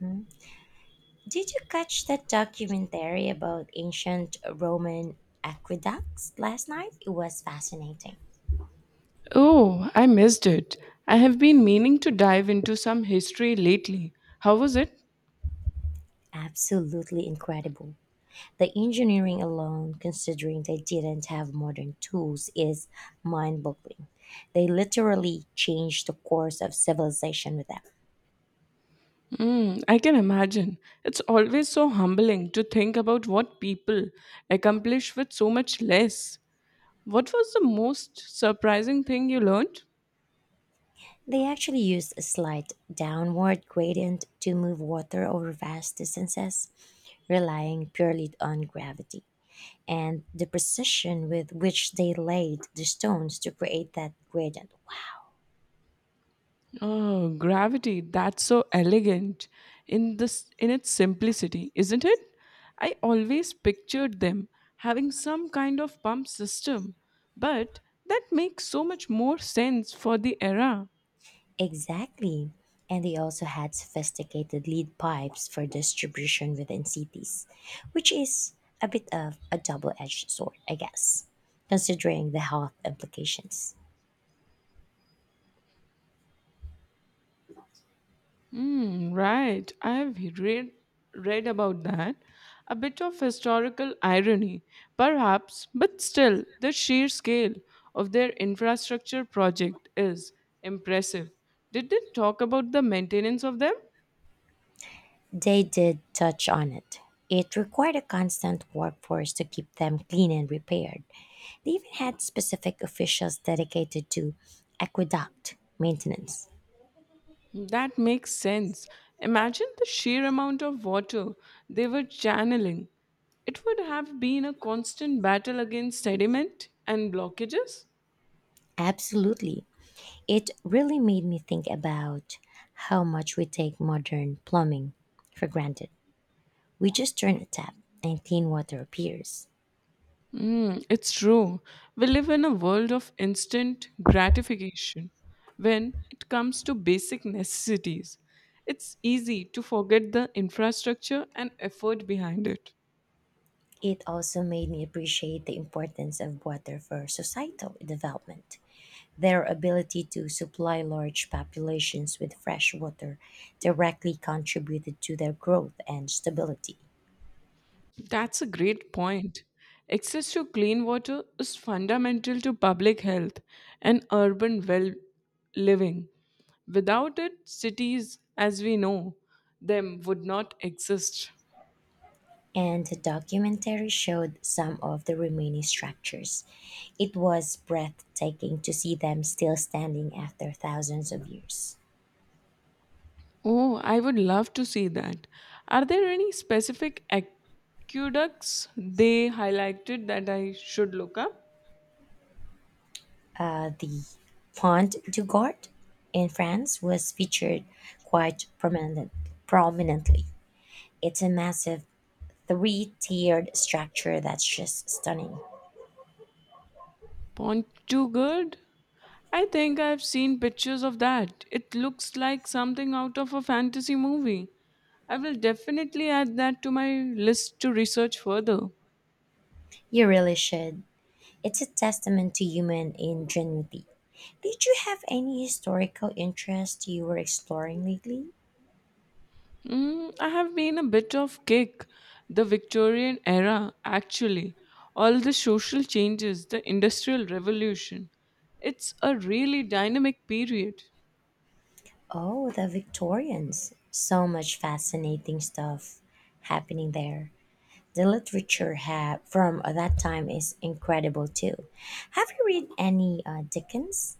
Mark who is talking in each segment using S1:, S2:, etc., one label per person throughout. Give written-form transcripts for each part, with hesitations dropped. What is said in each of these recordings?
S1: Mm. Did you catch that documentary about ancient Roman aqueducts last night? It was fascinating.
S2: Oh, I missed it. I have been meaning to dive into some history lately. How was it?
S1: Absolutely incredible. The engineering alone, considering they didn't have modern tools, is mind boggling. They literally changed the course of civilization with them.
S2: Mm, I can imagine. It's always so humbling to think about what people accomplish with so much less. What was the most surprising thing you learned?
S1: They actually used a slight downward gradient to move water over vast distances, relying purely on gravity, and the precision with which they laid the stones to create that gradient. Wow.
S2: Oh, gravity. That's so elegant in its simplicity, isn't it? I always pictured them having some kind of pump system, but that makes so much more sense for the era.
S1: Exactly. And they also had sophisticated lead pipes for distribution within cities, which is a bit of a double edged sword, I guess, considering the health implications.
S2: Hmm, right. I have read about that. A bit of historical irony, perhaps, but still the sheer scale of their infrastructure project is impressive. Did they talk about the maintenance of them?
S1: They did touch on it. It required a constant workforce to keep them clean and repaired. They even had specific officials dedicated to aqueduct maintenance.
S2: That makes sense. Imagine the sheer amount of water they were channeling. It would have been a constant battle against sediment and blockages.
S1: Absolutely. It really made me think about how much we take modern plumbing for granted. We just turn a tap and clean water appears.
S2: Mm, it's true. We live in a world of instant gratification. When it comes to basic necessities, it's easy to forget the infrastructure and effort behind it.
S1: It also made me appreciate the importance of water for societal development. Their ability to supply large populations with fresh water directly contributed to their growth and stability.
S2: That's a great point. Access to clean water is fundamental to public health and urban well living. Without it, cities, as we know them, would not exist.
S1: And the documentary showed some of the remaining structures. It was breathtaking to see them still standing after thousands of years.
S2: Oh, I would love to see that. Are there any specific aqueducts they highlighted that I should look up?
S1: The Pont du Gard in France was featured quite prominent, prominently. It's a massive three tiered structure that's just stunning.
S2: Good. I think I've seen pictures of that. It looks like something out of a fantasy movie. I will definitely add that to my list to research further.
S1: You really should. It's a testament to human ingenuity. Did you have any historical interest you were exploring lately?
S2: Mm, I have been a bit off kick. The Victorian era, actually. All the social changes, the Industrial Revolution. It's a really dynamic period.
S1: Oh, the Victorians. So much fascinating stuff happening there. The literature from that time is incredible too. Have you read any Dickens?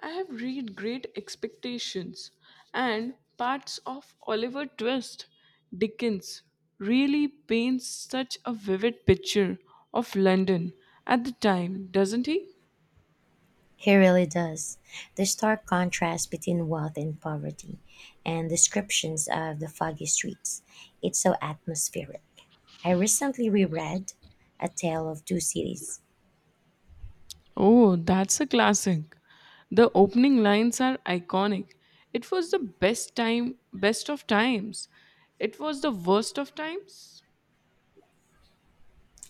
S2: I have read Great Expectations and parts of Oliver Twist. Dickens really paints such a vivid picture of London at the time, doesn't he?
S1: He really does. The stark contrast between wealth and poverty and descriptions of the foggy streets. It's so atmospheric. I recently reread A Tale of Two Cities.
S2: Oh, that's a classic. The opening lines are iconic. It was the best time, best of times. It was the worst of times.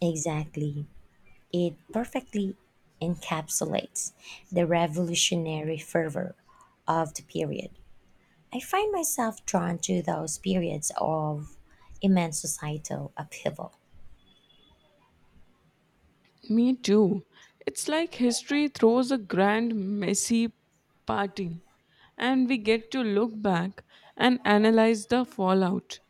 S1: Exactly. It perfectly encapsulates the revolutionary fervor of the period. I find myself drawn to those periods of immense societal upheaval.
S2: Me too. It's like history throws a grand, messy party, and we get to look back and analyze the fallout.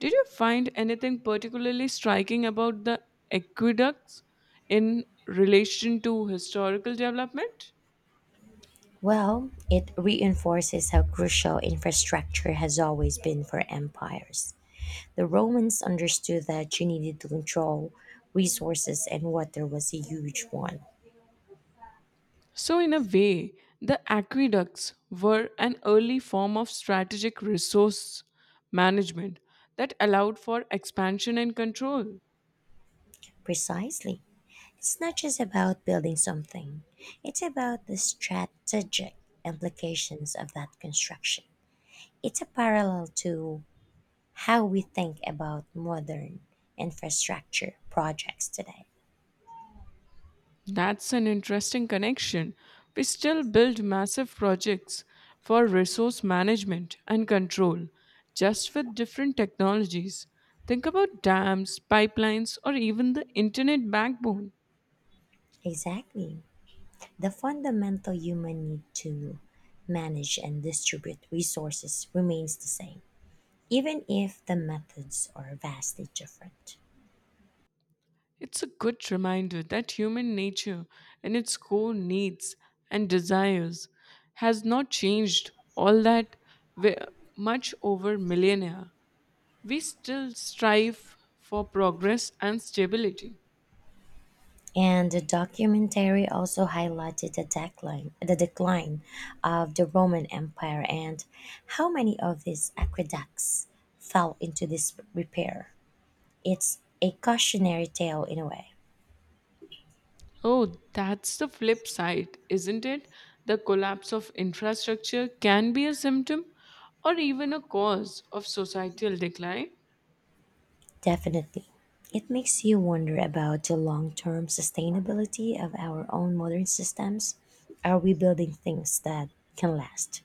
S2: Did you find anything particularly striking about the aqueducts in relation to historical development?
S1: Well, it reinforces how crucial infrastructure has always been for empires. The Romans understood that you needed to control resources, and water was a huge one.
S2: So, in a way, the aqueducts were an early form of strategic resource management that allowed for expansion and control.
S1: Precisely. It's not just about building something, it's about the strategic implications of that construction. It's a parallel to how we think about modern infrastructure projects today.
S2: That's an interesting connection. We still build massive projects for resource management and control, just with different technologies. Think about dams, pipelines, or even the internet backbone.
S1: Exactly. The fundamental human need to manage and distribute resources remains the same, even if the methods are vastly different.
S2: It's a good reminder that human nature, in its core needs and desires, has not changed all that we- much over millennia. We still strive for progress and stability.
S1: And the documentary also highlighted the decline of the Roman Empire and how many of these aqueducts fell into disrepair. It's a cautionary tale in a way.
S2: Oh, that's the flip side, isn't it? The collapse of infrastructure can be a symptom or even a cause of societal decline.
S1: Definitely. It makes you wonder about the long term sustainability of our own modern systems. Are we building things that can last?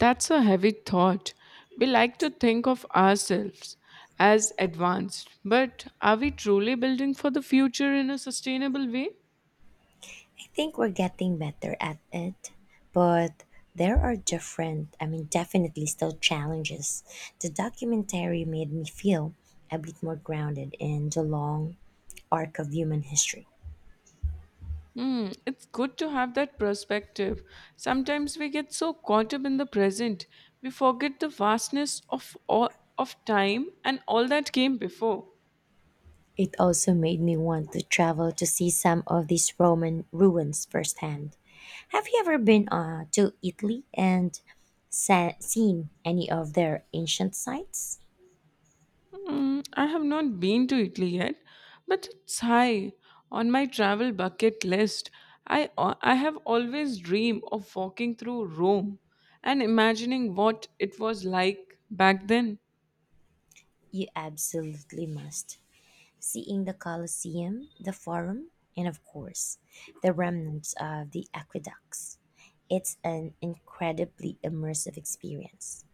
S2: That's a heavy thought. We like to think of ourselves as advanced, but are we truly building for the future in a sustainable way?
S1: I think we're getting better at it, but there are different, I mean, definitely still challenges. The documentary made me feel a bit more grounded in the long arc of human history.
S2: Hmm, it's good to have that perspective. Sometimes we get so caught up in the present, we forget the vastness of all, of time and all that came before.
S1: It also made me want to travel to see some of these Roman ruins firsthand. Have you ever been to Italy and seen any of their ancient sites?
S2: Mm, I have not been to Italy yet, but it's high on my travel bucket list. I have always dreamed of walking through Rome and imagining what it was like back then.
S1: You absolutely must. Seeing the Colosseum, the Forum, and of course, the remnants of the aqueducts. It's an incredibly immersive experience.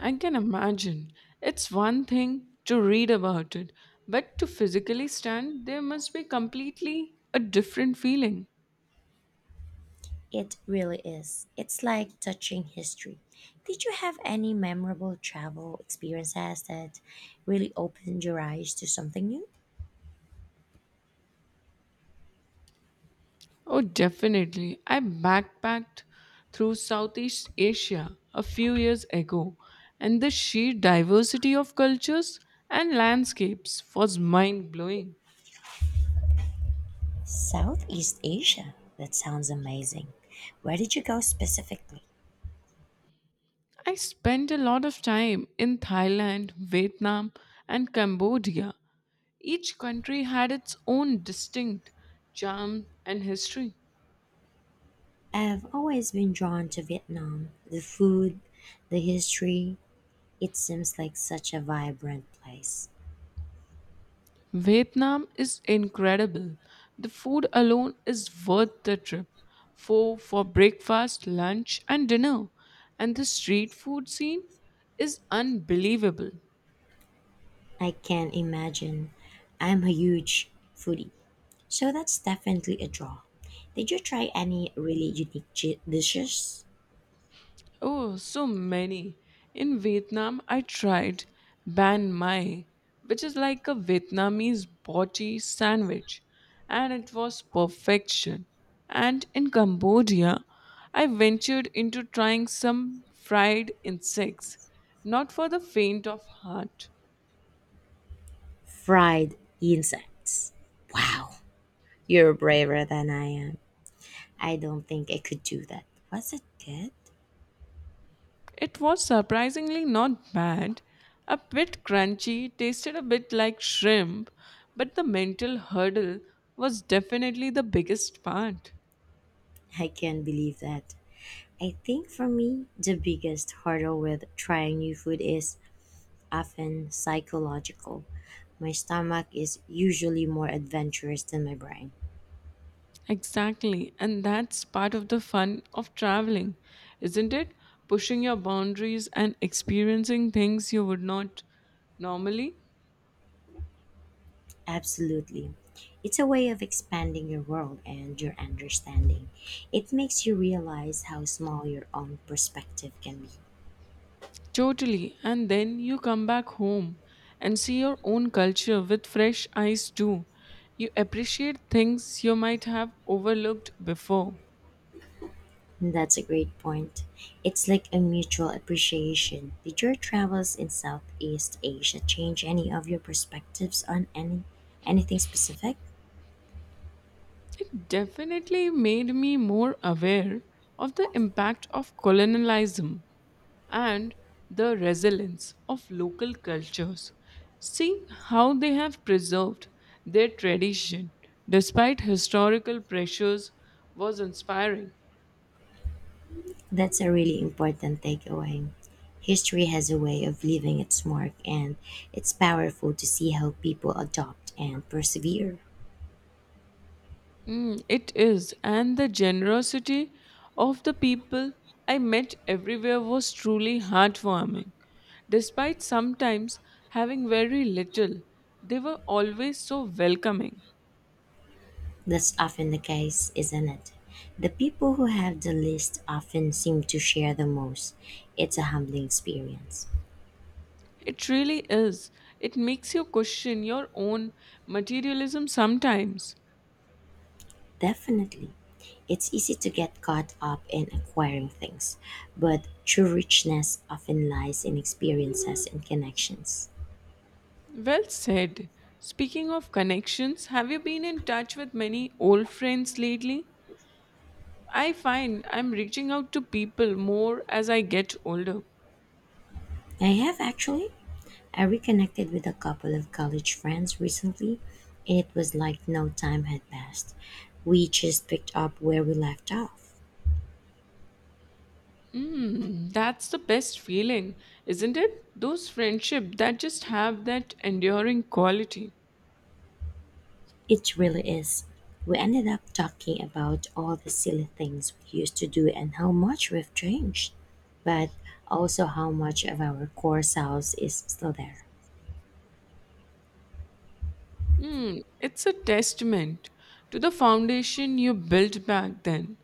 S2: I can imagine. It's one thing to read about it, but to physically stand there must be completely a different feeling.
S1: It really is. It's like touching history. Did you have any memorable travel experiences that really opened your eyes to something new?
S2: Oh, definitely. I backpacked through Southeast Asia a few years ago, and the sheer diversity of cultures and landscapes was mind blowing.
S1: Southeast Asia. That sounds amazing. Where did you go specifically?
S2: I spent a lot of time in Thailand, Vietnam, and Cambodia. Each country had its own distinct charm and history.
S1: I've always been drawn to Vietnam, the food, the history, it seems like such a vibrant place.
S2: Vietnam is incredible. The food alone is worth the trip. For breakfast, lunch and dinner. And the street food scene is unbelievable.
S1: I can imagine. I'm a huge foodie, so that's definitely a draw. Did you try any really unique dishes?
S2: Oh, so many. In Vietnam, I tried banh mai, which is like a Vietnamese body sandwich, and it was perfection. And in Cambodia, I ventured into trying some fried insects, not for the faint of heart.
S1: Fried insects. Wow, you're braver than I am. I don't think I could do that. Was it good?
S2: It was surprisingly not bad, a bit crunchy, tasted a bit like shrimp, but the mental hurdle was definitely the biggest part.
S1: I can't believe that. I think for me, the biggest hurdle with trying new food is often psychological. My stomach is usually more adventurous than my brain.
S2: Exactly. And that's part of the fun of traveling, isn't it? Pushing your boundaries and experiencing things you would not normally.
S1: Absolutely. It's a way of expanding your world and your understanding. It makes you realize how small your own perspective can be.
S2: Totally. And then you come back home and see your own culture with fresh eyes, too. You appreciate things you might have overlooked before.
S1: That's a great point. It's like a mutual appreciation. Did your travels in Southeast Asia change any of your perspectives on anything specific?
S2: It definitely made me more aware of the impact of colonialism and the resilience of local cultures, seeing how they have preserved their tradition despite historical pressures was inspiring.
S1: That's a really important takeaway. History has a way of leaving its mark, and it's powerful to see how people adopt and persevere.
S2: Mm, it is, and the generosity of the people I met everywhere was truly heartwarming. Despite sometimes having very little, they were always so welcoming.
S1: That's often the case, isn't it? The people who have the least often seem to share the most. It's a humbling experience.
S2: It really is. It makes you question your own materialism sometimes.
S1: Definitely. It's easy to get caught up in acquiring things, but true richness often lies in experiences and connections.
S2: Well said. Speaking of connections, have you been in touch with many old friends lately? I find I'm reaching out to people more as I get older.
S1: I have actually. I reconnected with a couple of college friends recently, and it was like no time had passed. We just picked up where we left off.
S2: Mm, that's the best feeling, isn't it? Those friendships that just have that enduring quality.
S1: It really is. We ended up talking about all the silly things we used to do and how much we've changed, but also how much of our core selves is still there.
S2: Hmm, it's a testament to the foundation you built back then.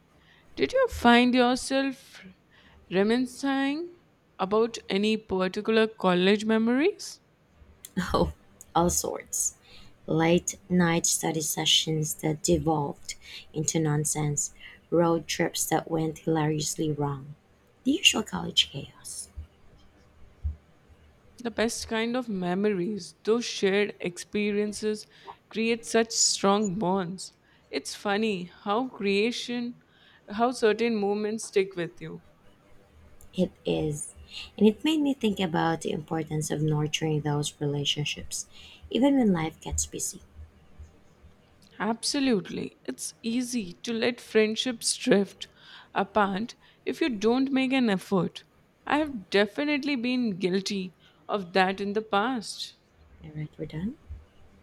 S2: Did you find yourself reminiscing about any particular college memories?
S1: Oh, all sorts. Late night study sessions that devolved into nonsense, road trips that went hilariously wrong, the usual college chaos.
S2: The best kind of memories, those shared experiences, create such strong bonds. It's funny how creation, how certain moments stick with you.
S1: It is, and it made me think about the importance of nurturing those relationships, even when life gets busy.
S2: Absolutely. It's easy to let friendships drift apart if you don't make an effort. I have definitely been guilty of that in the past.
S1: All right, we're done.